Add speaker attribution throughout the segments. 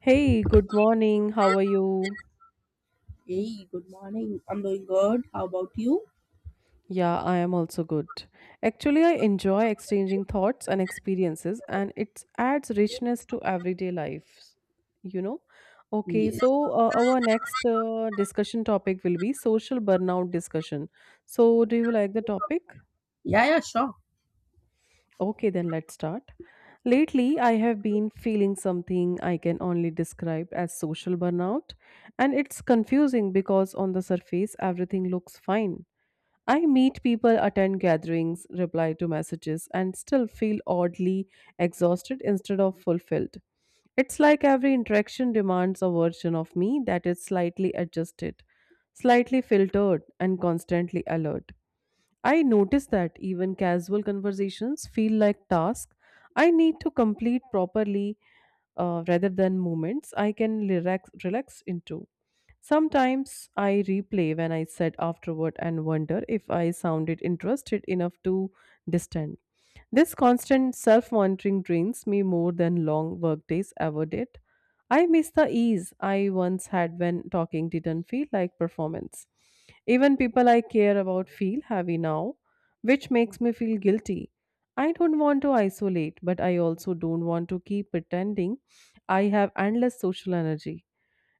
Speaker 1: Hey, good morning. How are you?
Speaker 2: Hey, good morning. I'm doing good. How about you?
Speaker 1: Yeah, I am also good. Actually, I enjoy exchanging thoughts and experiences, and it adds richness to everyday life, you know? Okay,
Speaker 2: Yes.
Speaker 1: so our next discussion topic will be social burnout discussion. So, do you like the topic?
Speaker 2: Yeah, yeah, sure.
Speaker 1: Okay, then let's start. Lately, I have been feeling something I can only describe as social burnout, and it's confusing because on the surface, everything looks fine. I meet people, attend gatherings, reply to messages, and still feel oddly exhausted instead of fulfilled. It's like every interaction demands a version of me that is slightly adjusted, slightly filtered, and constantly alert. I notice that even casual conversations feel like tasks I need to complete properly, rather than moments I can relax into. Sometimes I replay when I said afterward and wonder if I sounded interested enough to distant. This constant self monitoring drains me more than long workdays ever did. I miss the ease I once had when talking didn't feel like performance. Even people I care about feel heavy now, which makes me feel guilty. I don't want to isolate, but I also don't want to keep pretending I have endless social energy.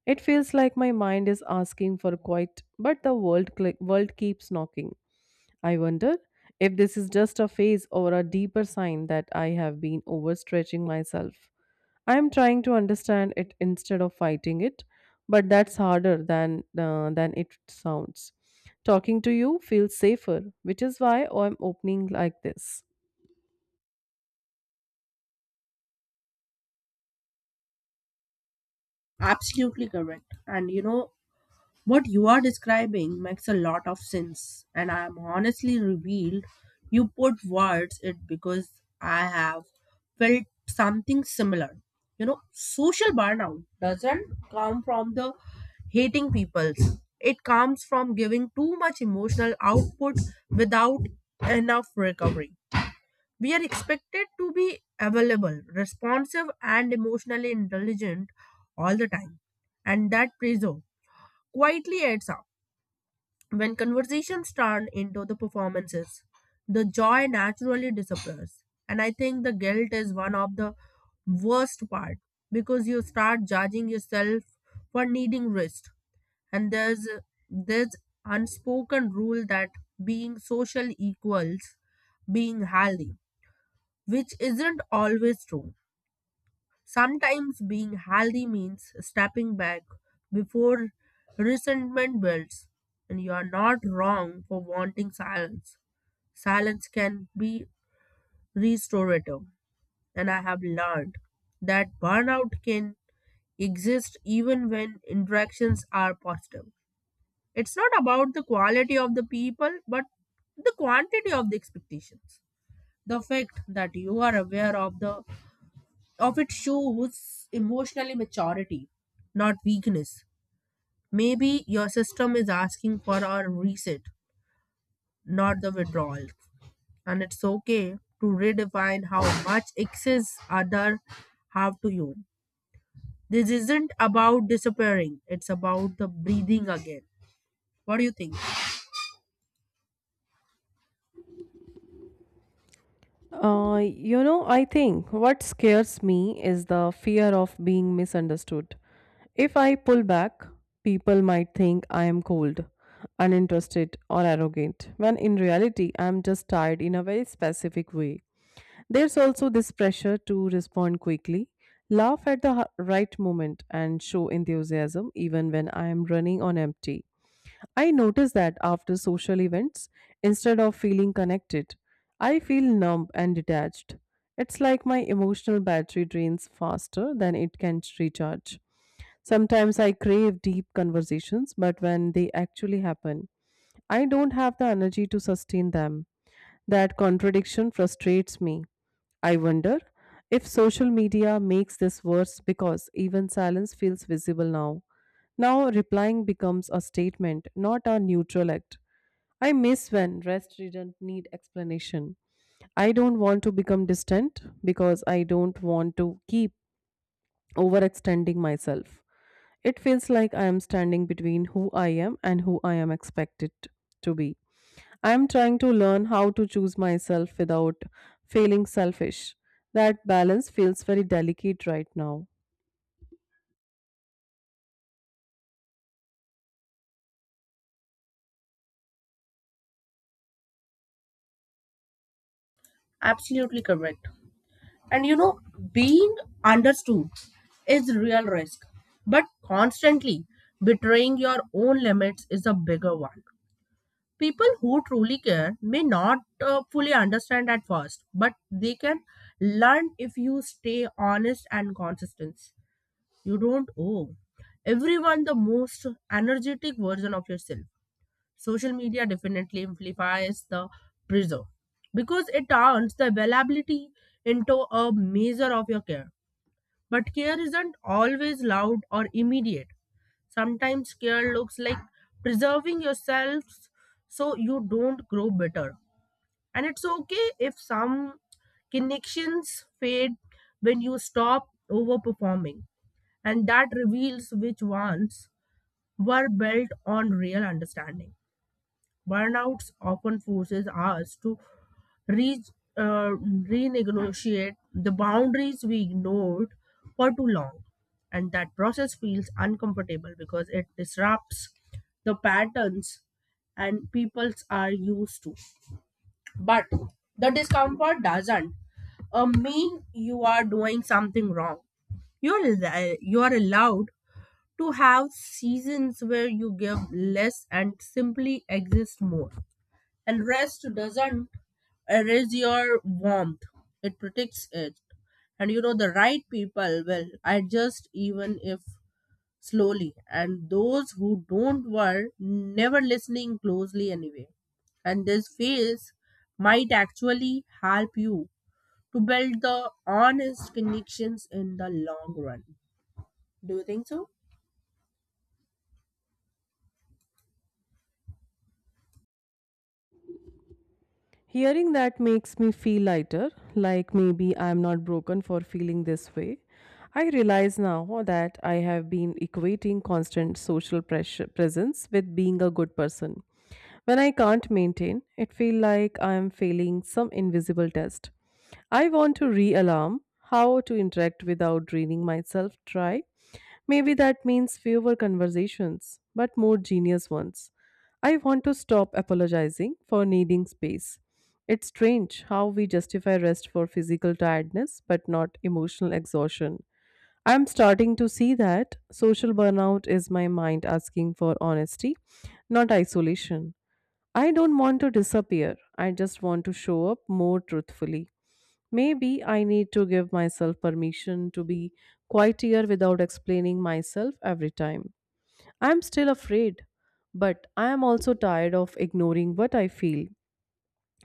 Speaker 1: It feels like my mind is asking for quiet, but the world keeps knocking. I wonder if this is just a phase or a deeper sign that I have been overstretching myself. I am trying to understand it instead of fighting it, but that's harder than than it sounds. Talking to you feels safer, which is why I'm opening like this.
Speaker 2: Absolutely correct. And what you are describing makes a lot of sense. And I'm honestly revealed you put words it because I have felt something similar. Social burnout doesn't come from the hating people. It comes from giving too much emotional output without enough recovery. We are expected to be available, responsive, and emotionally intelligent all the time. And that pressure quietly adds up. When conversations turn into the performances, the joy naturally disappears. And I think the guilt is one of the worst part, because you start judging yourself for needing rest. And there's this unspoken rule that being social equals being healthy, which isn't always true. Sometimes being healthy means stepping back before resentment builds, and you are not wrong for wanting silence. Silence can be restorative, and I have learned that burnout can exist even when interactions are positive. It's not about the quality of the people, but the quantity of the expectations. The fact that you are aware of the of it shows emotional maturity, not weakness. Maybe your system is asking for a reset, not the withdrawal. And it's okay to redefine how much access other have to you. This isn't about disappearing, it's about the breathing again. What do you think?
Speaker 1: I think what scares me is the fear of being misunderstood. If I pull back, people might think I am cold, uninterested, or arrogant, when in reality, I am just tired in a very specific way. There's also this pressure to respond quickly, laugh at the right moment, and show enthusiasm even when I am running on empty. I notice that after social events, instead of feeling connected, I feel numb and detached. It's like my emotional battery drains faster than it can recharge. Sometimes I crave deep conversations, but when they actually happen, I don't have the energy to sustain them. That contradiction frustrates me. I wonder if social media makes this worse because even silence feels visible now. Now replying becomes a statement, not a neutral act. I miss when rest didn't need explanation. I don't want to become distant because I don't want to keep overextending myself. It feels like I am standing between who I am and who I am expected to be. I am trying to learn how to choose myself without feeling selfish. That balance feels very delicate right now.
Speaker 2: Absolutely correct. And being understood is real risk, but constantly betraying your own limits is a bigger one. People who truly care may not fully understand at first, but they can learn if you stay honest and consistent. You don't owe everyone the most energetic version of yourself. Social media definitely amplifies the pressure, because it turns the availability into a measure of your care, but care isn't always loud or immediate. Sometimes care looks like preserving yourselves so you don't grow bitter. And it's okay if some connections fade when you stop overperforming. And that reveals which ones were built on real understanding. Burnouts often forces us to re- uh, renegotiate the boundaries we ignored for too long. And that process feels uncomfortable because it disrupts the patterns and peoples are used to. But the discomfort doesn't mean you are doing something wrong. You're allowed to have seasons where you give less and simply exist more. And rest doesn't erase your warmth, it protects it. And the right people will adjust, even if slowly. And those who don't were never listening closely anyway. And this phase might actually help you to build the honest connections in the long run. Do you think so?
Speaker 1: Hearing that makes me feel lighter, like maybe I'm not broken for feeling this way. I realize now that I have been equating constant social pressure presence with being a good person. When I can't maintain, it feels like I am failing some invisible test. I want to realarm how to interact without draining myself. Try maybe that means fewer conversations, but more genius ones. I want to stop apologizing for needing space. It's strange how we justify rest for physical tiredness but not emotional exhaustion. I'm starting to see that social burnout is my mind asking for honesty, not isolation. I don't want to disappear, I just want to show up more truthfully. Maybe I need to give myself permission to be quieter without explaining myself every time. I'm still afraid, but I am also tired of ignoring what I feel.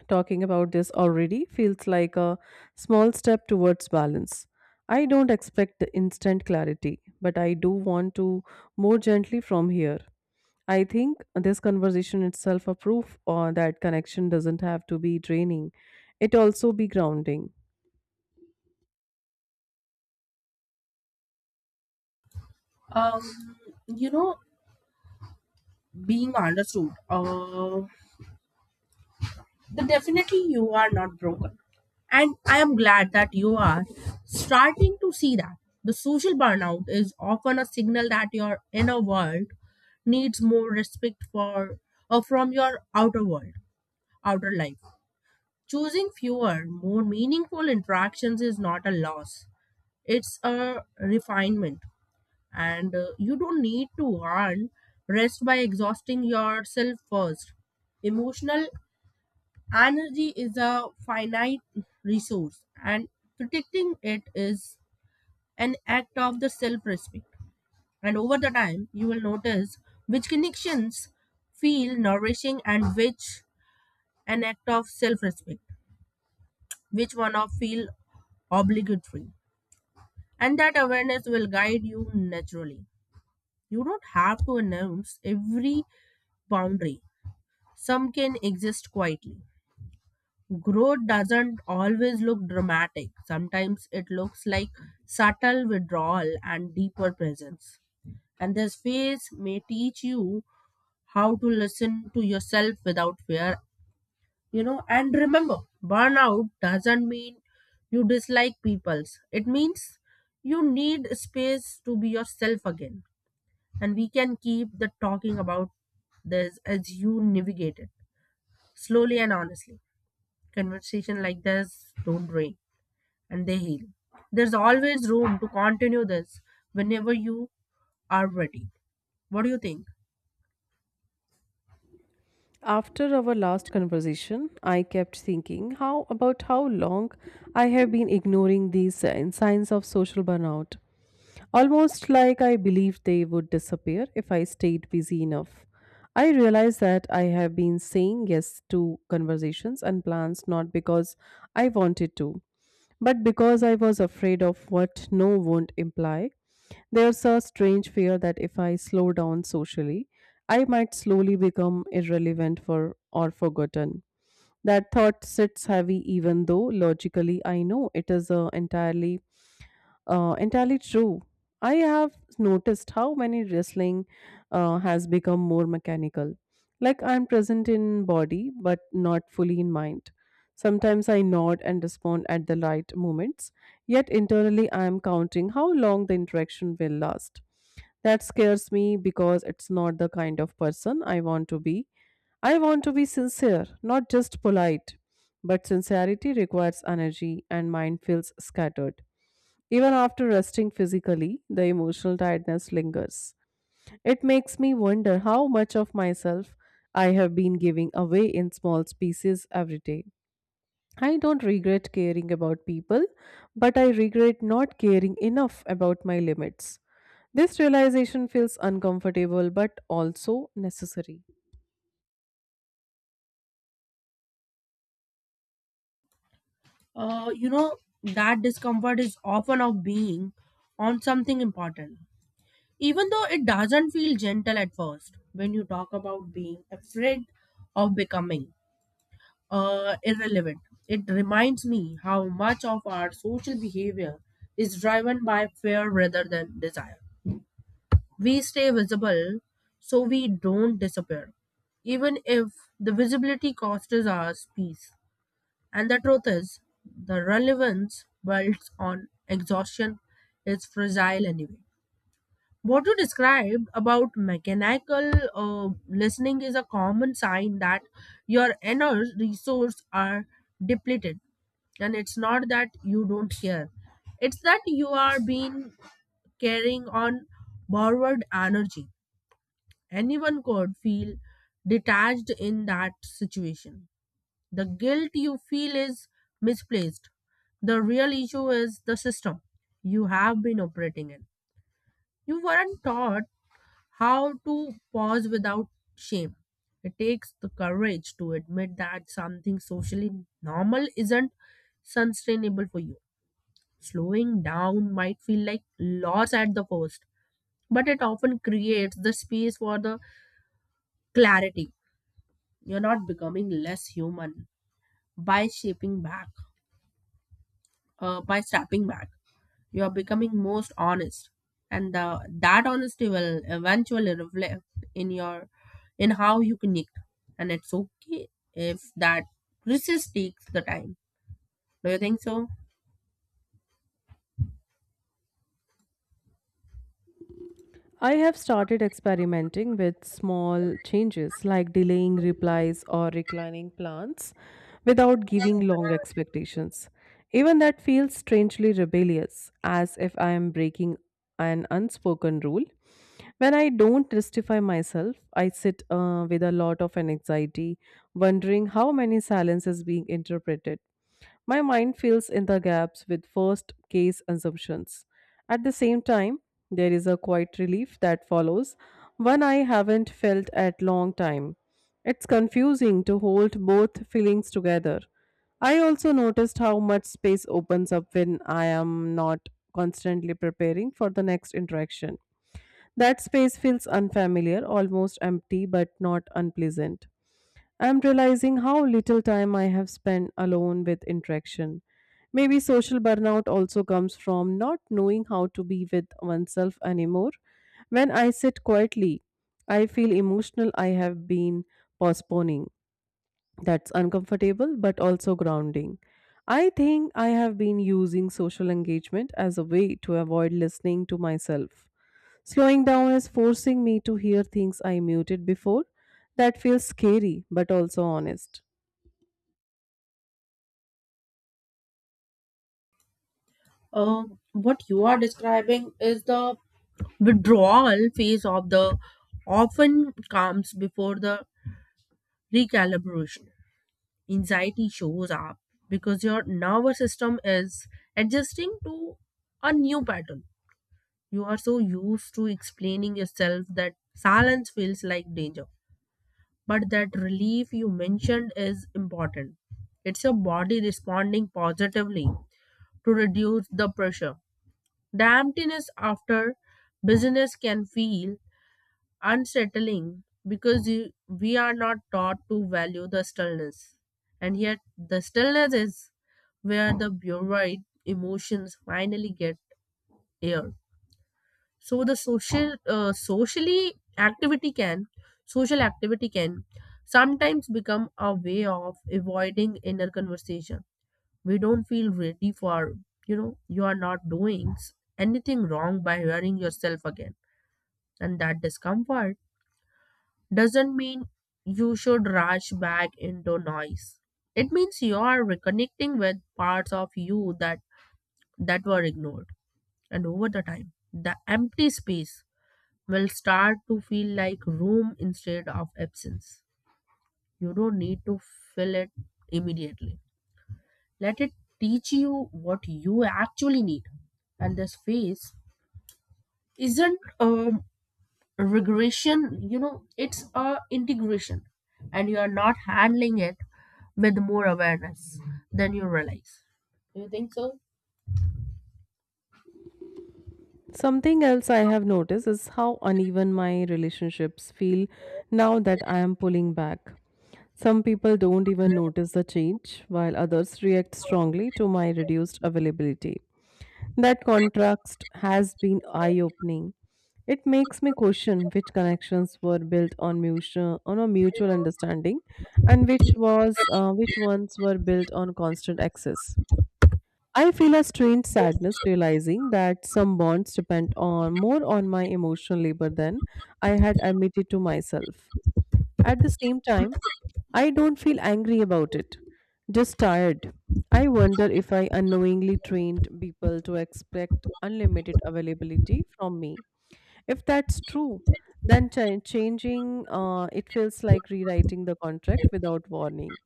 Speaker 1: Talking about this already feels like a small step towards balance. I don't expect the instant clarity, but I do want to more gently from here. I think this conversation itself a proof, that connection doesn't have to be draining. It also be grounding.
Speaker 2: Um, you know, being understood. Then definitely you are not broken. And I am glad that you are starting to see that. The social burnout is often a signal that your inner world needs more respect for or from your outer world, outer life. Choosing fewer, more meaningful interactions is not a loss. It's a refinement. And you don't need to earn rest by exhausting yourself first. Emotional energy is a finite resource, and protecting it is an act of the self respect. And over the time, you will notice which connections feel nourishing and which an act of self respect, which one of feel obligatory. And that awareness will guide you naturally. You don't have to announce every boundary. Some can exist quietly. Growth doesn't always look dramatic. Sometimes it looks like subtle withdrawal and deeper presence. And this phase may teach you how to listen to yourself without fear. And remember, burnout doesn't mean you dislike people's. It means you need space to be yourself again. And we can keep the talking about this as you navigate it slowly and honestly. Conversation like this don't drain, and they heal. There's always room to continue this whenever you are ready. What do you think?
Speaker 1: After our last conversation, I kept thinking how about how long I have been ignoring these signs of social burnout. Almost like I believed they would disappear if I stayed busy enough. I realized that I have been saying yes to conversations and plans not because I wanted to, but because I was afraid of what no won't imply. There's a strange fear that if I slow down socially, I might slowly become irrelevant for or forgotten. That thought sits heavy even though logically I know it is a entirely true. I have noticed how many wrestling has become more mechanical. Like I'm present in body, but not fully in mind. Sometimes I nod and respond at the right moments, yet internally I am counting how long the interaction will last. That scares me because it's not the kind of person I want to be. I want to be sincere, not just polite. But sincerity requires energy, and mine feels scattered. Even after resting physically, the emotional tiredness lingers. It makes me wonder how much of myself I have been giving away in small pieces every day. I don't regret caring about people, but I regret not caring enough about my limits. This realization feels uncomfortable but also necessary.
Speaker 2: Uh, you know, that discomfort is often of being on something important. Even though it doesn't feel gentle at first, when you talk about being afraid of becoming irrelevant, it reminds me how much of our social behavior is driven by fear rather than desire. We stay visible so we don't disappear, even if the visibility costs us peace. And the truth is, the relevance built on exhaustion is fragile anyway. What you described about mechanical listening is a common sign that your inner resources are depleted, and it's not that you don't care, it's that you are being carrying on borrowed energy. Anyone could feel detached in that situation. The guilt you feel is misplaced. The real issue is the system you have been operating in. You weren't taught how to pause without shame. It takes the courage to admit that something socially normal isn't sustainable for you. Slowing down might feel like loss at the first, but it often creates the space for the clarity. You're not becoming less human by shaping back, by stepping back. You are becoming most honest, and that honesty will eventually reflect in your in how you connect. And it's okay if that process takes the time. Do you think so?
Speaker 1: I have started experimenting with small changes like delaying replies or reclining plans without giving long expectations. Even that feels strangely rebellious, as if I am breaking an unspoken rule. When I don't justify myself, I sit with a lot of anxiety, wondering how many silence is being interpreted. My mind fills in the gaps with first case assumptions. At the same time, there is a quiet relief that follows, one I haven't felt at long time. It's confusing to hold both feelings together. I also noticed how much space opens up when I am not constantly preparing for the next interaction. That space feels unfamiliar, almost empty, but not unpleasant. I'm realizing how little time I have spent alone with interaction. Maybe social burnout also comes from not knowing how to be with oneself anymore. When I sit quietly, I feel emotional I have been postponing. That's uncomfortable but also grounding. I think I have been using social engagement as a way to avoid listening to myself. Slowing down is forcing me to hear things I muted before. That feels scary, but also honest.
Speaker 2: Uh, what you are describing is the withdrawal phase of the often comes before the recalibration. Anxiety shows up because your nervous system is adjusting to a new pattern. You are so used to explaining yourself that silence feels like danger. But that relief you mentioned is important. It's your body responding positively to reduce the pressure. The emptiness after business can feel unsettling because we are not taught to value the stillness. And yet, the stillness is where the bureauite emotions finally get aired. So the social, socially activity can, social activity can sometimes become a way of avoiding inner conversation. We don't feel ready for, you know, you are not doing anything wrong by hearing yourself again. And that discomfort doesn't mean you should rush back into noise. It means you are reconnecting with parts of you that were ignored. And over the time, the empty space will start to feel like room instead of absence. You don't need to fill it immediately. Let it teach you what you actually need. And this phase isn't a regression, it's a integration. And you are not handling it with more awareness than you realize. Do you think so?
Speaker 1: Something else I have noticed is how uneven my relationships feel now that I am pulling back. Some people don't even notice the change, while others react strongly to my reduced availability. That contrast has been eye opening. It makes me question which connections were built on mutual on a mutual understanding and which ones were built on constant access. I feel a strange sadness realizing that some bonds depend on more on my emotional labor than I had admitted to myself. At the same time, I don't feel angry about it, just tired. I wonder if I unknowingly trained people to expect unlimited availability from me. If that's true, then cha- changing it feels like rewriting the contract without warning.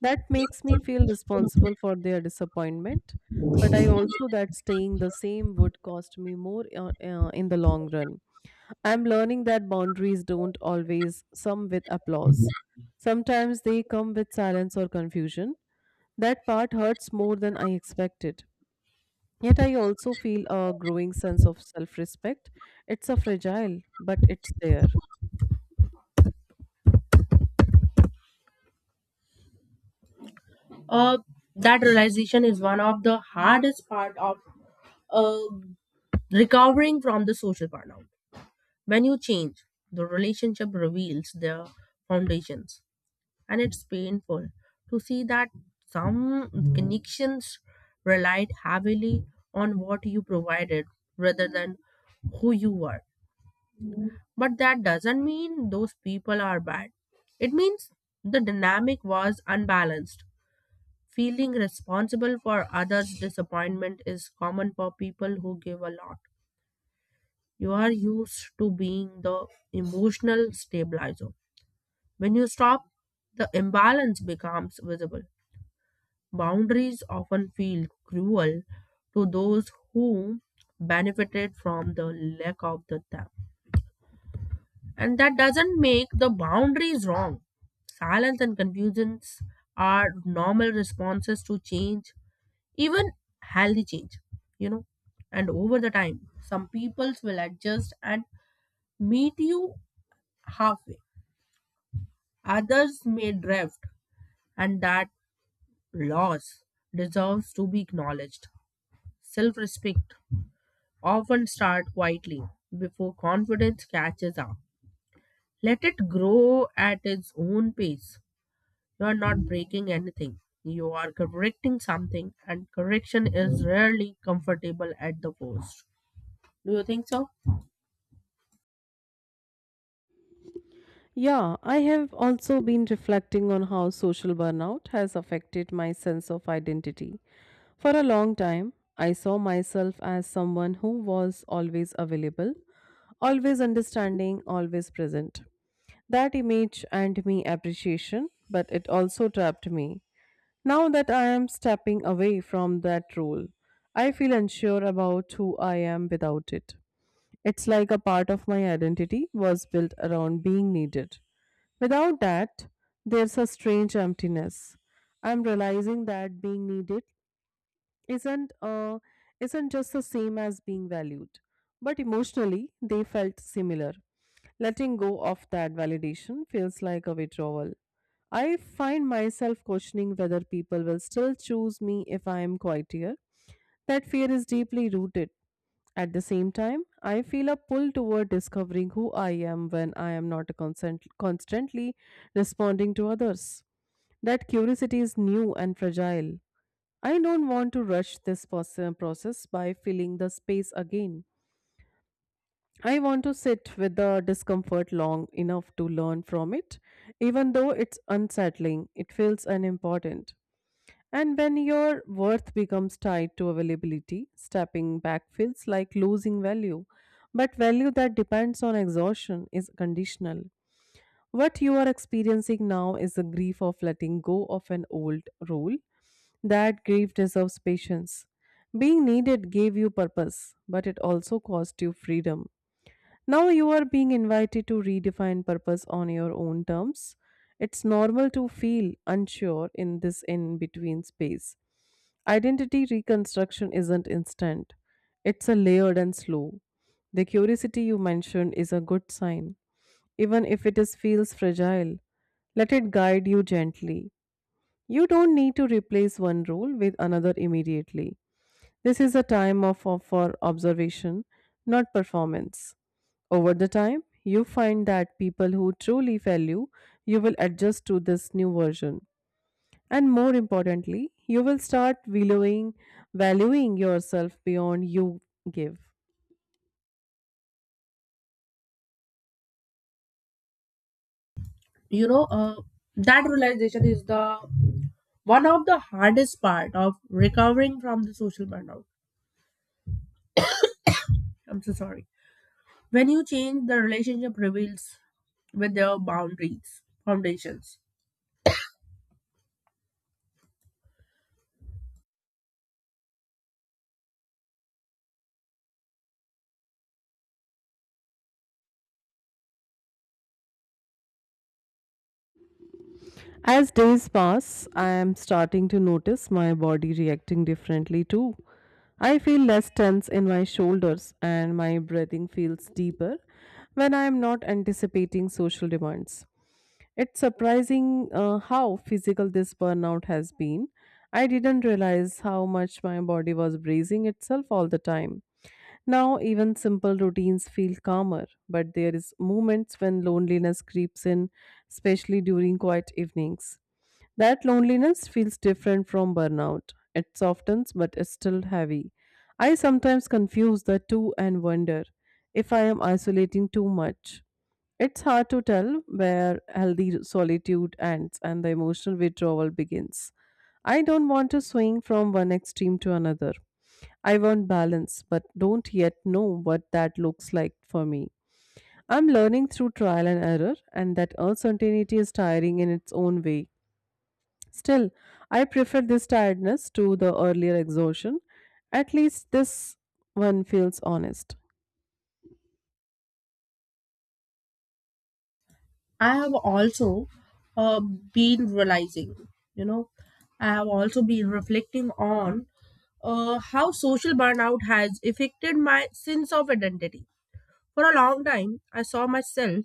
Speaker 1: That makes me feel responsible for their disappointment, but I also that staying the same would cost me more, in the long run. I'm learning that boundaries don't always come with applause. Sometimes they come with silence or confusion. That part hurts more than I expected. Yet I also feel a growing sense of self respect. It's a fragile, but it's there.
Speaker 2: Uh, that realization is one of the hardest part of uh, recovering from the social burnout. When you change, the relationship reveals their foundations, and it's painful to see that some connections relied heavily on what you provided rather than who you were. But that doesn't mean those people are bad. It means the dynamic was unbalanced. Feeling responsible for others' disappointment is common for people who give a lot. You are used to being the emotional stabilizer. When you stop, the imbalance becomes visible. Boundaries often feel cruel to those who benefited from the lack of the them. And that doesn't make the boundaries wrong. Silence and confusions are normal responses to change, even healthy change, you know. And over the time, some peoples will adjust and meet you halfway. Others may drift, and that loss deserves to be acknowledged. Self respect often starts quietly before confidence catches up. Let it grow at its own pace. You are not breaking anything, you are correcting something, and correction is rarely comfortable at the first. Do you think so?
Speaker 1: Yeah, I have also been reflecting on how social burnout has affected my sense of identity. For a long time, I saw myself as someone who was always available, always understanding, always present. That image earned me appreciation, but it also trapped me. Now that I am stepping away from that role, I feel unsure about who I am without it. It's like a part of my identity was built around being needed. Without that, there's a strange emptiness. I'm realizing that being needed isn't uh, isn't just the same as being valued, but emotionally they felt similar. Letting go of that validation feels like a withdrawal. I find myself questioning whether people will still choose me if I am quieter. That fear is deeply rooted. At the same time, I feel a pull toward discovering who I am when I am not constantly responding to others. That curiosity is new and fragile. I don't want to rush this process by filling the space again. I want to sit with the discomfort long enough to learn from it. Even though it's unsettling, it feels unimportant. And when your worth becomes tied to availability, stepping back feels like losing value. But value that depends on exhaustion is conditional. What you are experiencing now is the grief of letting go of an old role. That grief deserves patience. Being needed gave you purpose, but it also cost you freedom. Now you are being invited to redefine purpose on your own terms. It's normal to feel unsure in this in between space. Identity reconstruction isn't instant, it's a layered and slow. The curiosity you mentioned is a good sign, even if it feels fragile. Let it guide you gently. You don't need to replace one rule with another immediately. This is a time for observation, not performance. Over the time, you find that people who truly value you will adjust to this new version. And more importantly, you will start valuing yourself beyond you give.
Speaker 2: You know, uh, that realization is the one of the hardest part of recovering from the social burnout. I'm so sorry. When you change, the relationship reveals with their boundaries, foundations.
Speaker 1: As days pass, I am starting to notice my body reacting differently too. I feel less tense in my shoulders and my breathing feels deeper when I am not anticipating social demands. It's surprising, how physical this burnout has been. I didn't realize how much my body was bracing itself all the time. Now, even simple routines feel calmer, but there is moments when loneliness creeps in, especially during quiet evenings. That loneliness feels different from burnout. It softens but is still heavy. I sometimes confuse the two and wonder if I am isolating too much. It's hard to tell where healthy solitude ends and the emotional withdrawal begins. I don't want to swing from one extreme to another. I want balance, but don't yet know what that looks like for me. I'm learning through trial and error, and that uncertainty is tiring in its own way. Still, I prefer this tiredness to the earlier exhaustion. At least this one feels honest.
Speaker 2: I have also uh, been realizing, you know, I have also been reflecting on how social burnout has affected my sense of identity. For a long time, I saw myself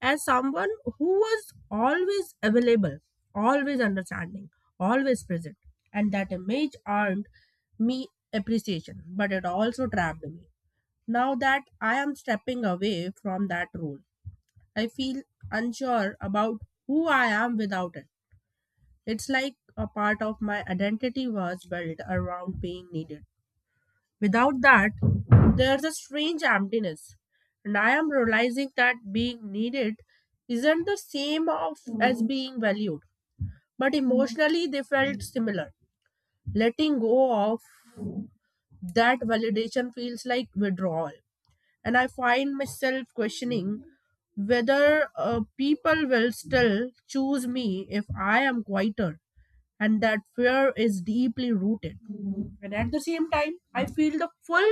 Speaker 2: as someone who was always available, always understanding, always present. And that image earned me appreciation, but it also trapped me. Now that I am stepping away from that role, I feel unsure about who I am without it. It's like a part of my identity was built around being needed. Without that, there's a strange emptiness. And I am realizing that being needed isn't the same as being valued, but emotionally they felt similar. Letting go of that validation feels like withdrawal. And I find myself questioning whether people will still choose me if I am quieter. And that fear is deeply rooted. And at the same time, I feel the full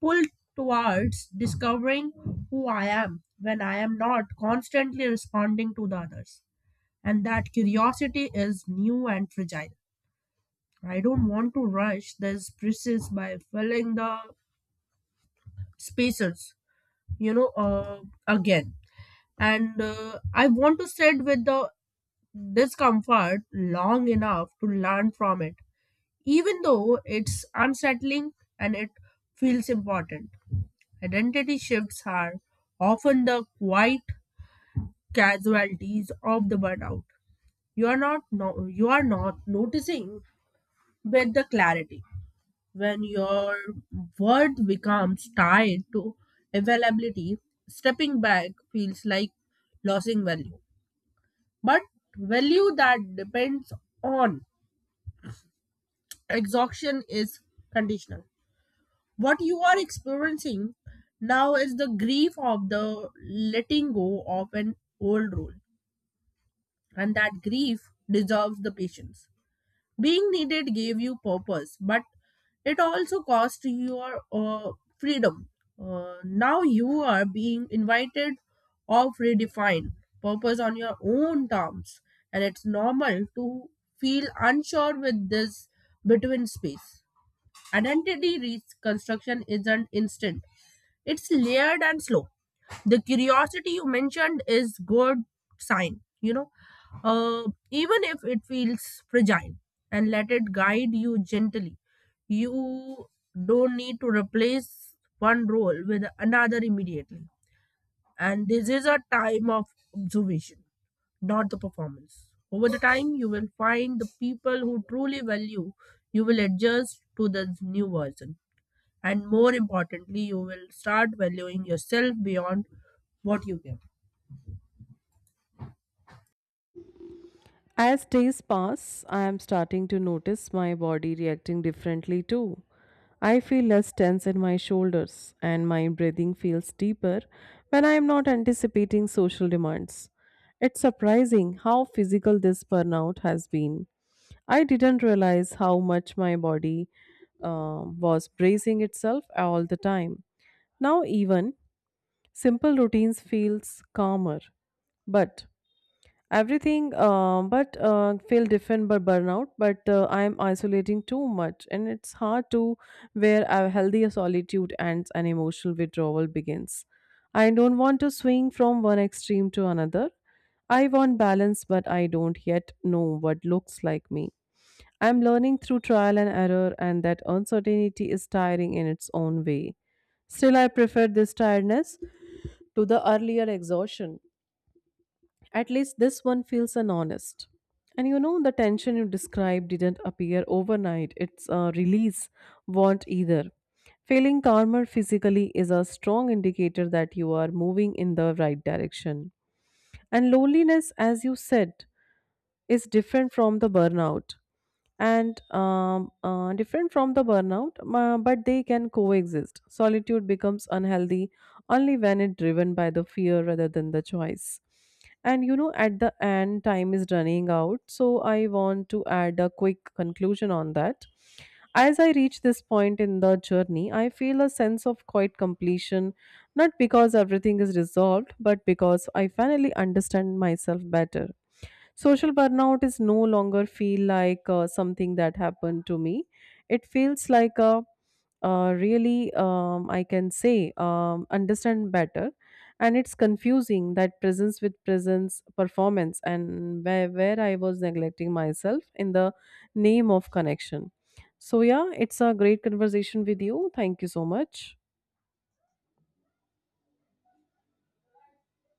Speaker 2: pull towards discovering who I am when I am not constantly responding to the others. And that curiosity is new and fragile. I don't want to rush this process by filling the spaces, you know, uh, again. And I want to sit with the discomfort long enough to learn from it, even though it's unsettling and it feels important. Identity shifts are often the quiet casualties of the burnout. You are not noticing with the clarity. When your worth becomes tied to availability, stepping back feels like losing value, but value that depends on exhaustion is conditional. What you are experiencing now is the grief of the letting go of an old role, and that grief deserves the patience. Being needed gave you purpose, but it also cost your freedom. Now you are being invited or redefined purpose on your own terms, and it's normal to feel unsure with this between space. Identity reconstruction isn't instant, it's layered and slow. The curiosity you mentioned is good sign, even if it feels fragile, and let it guide you gently. You don't need to replace one role with another immediately. And this is a time of observation, not the performance. Over the time, you will find the people who truly value, you will adjust to the new version. And more importantly, you will start valuing yourself beyond what you give.
Speaker 1: As days pass, I am starting to notice my body reacting differently too. I feel less tense in my shoulders, and my breathing feels deeper when I am not anticipating social demands. It's surprising how physical this burnout has been. I didn't realize how much my body was bracing itself all the time. Now, even simple routines feels calmer. But everything but feel different but burnout but I'm isolating too much, and it's hard to where a healthy solitude ends and emotional withdrawal begins. I don't want to swing from one extreme to another. I want balance, but I don't yet know what looks like me. I'm learning through trial and error, and that uncertainty is tiring in its own way. Still, I prefer this tiredness to the earlier exhaustion. At least this one feels unhonest. And you know, the tension you described didn't appear overnight. Its release won't either. Feeling calmer physically is a strong indicator that you are moving in the right direction. And loneliness, as you said, is different from the burnout and different from the burnout, but they can coexist. Solitude becomes unhealthy only when it's driven by the fear rather than the choice. And you know, at the end, time is running out. So I want to add a quick conclusion on that. As I reach this point in the journey, I feel a sense of quiet completion, not because everything is resolved, but because I finally understand myself better. Social burnout is no longer feel like something that happened to me. It feels like a really I can say understand better, and it's confusing that presence with presence performance and where I was neglecting myself in the name of connection. So yeah, it's a great conversation with you. Thank you so much.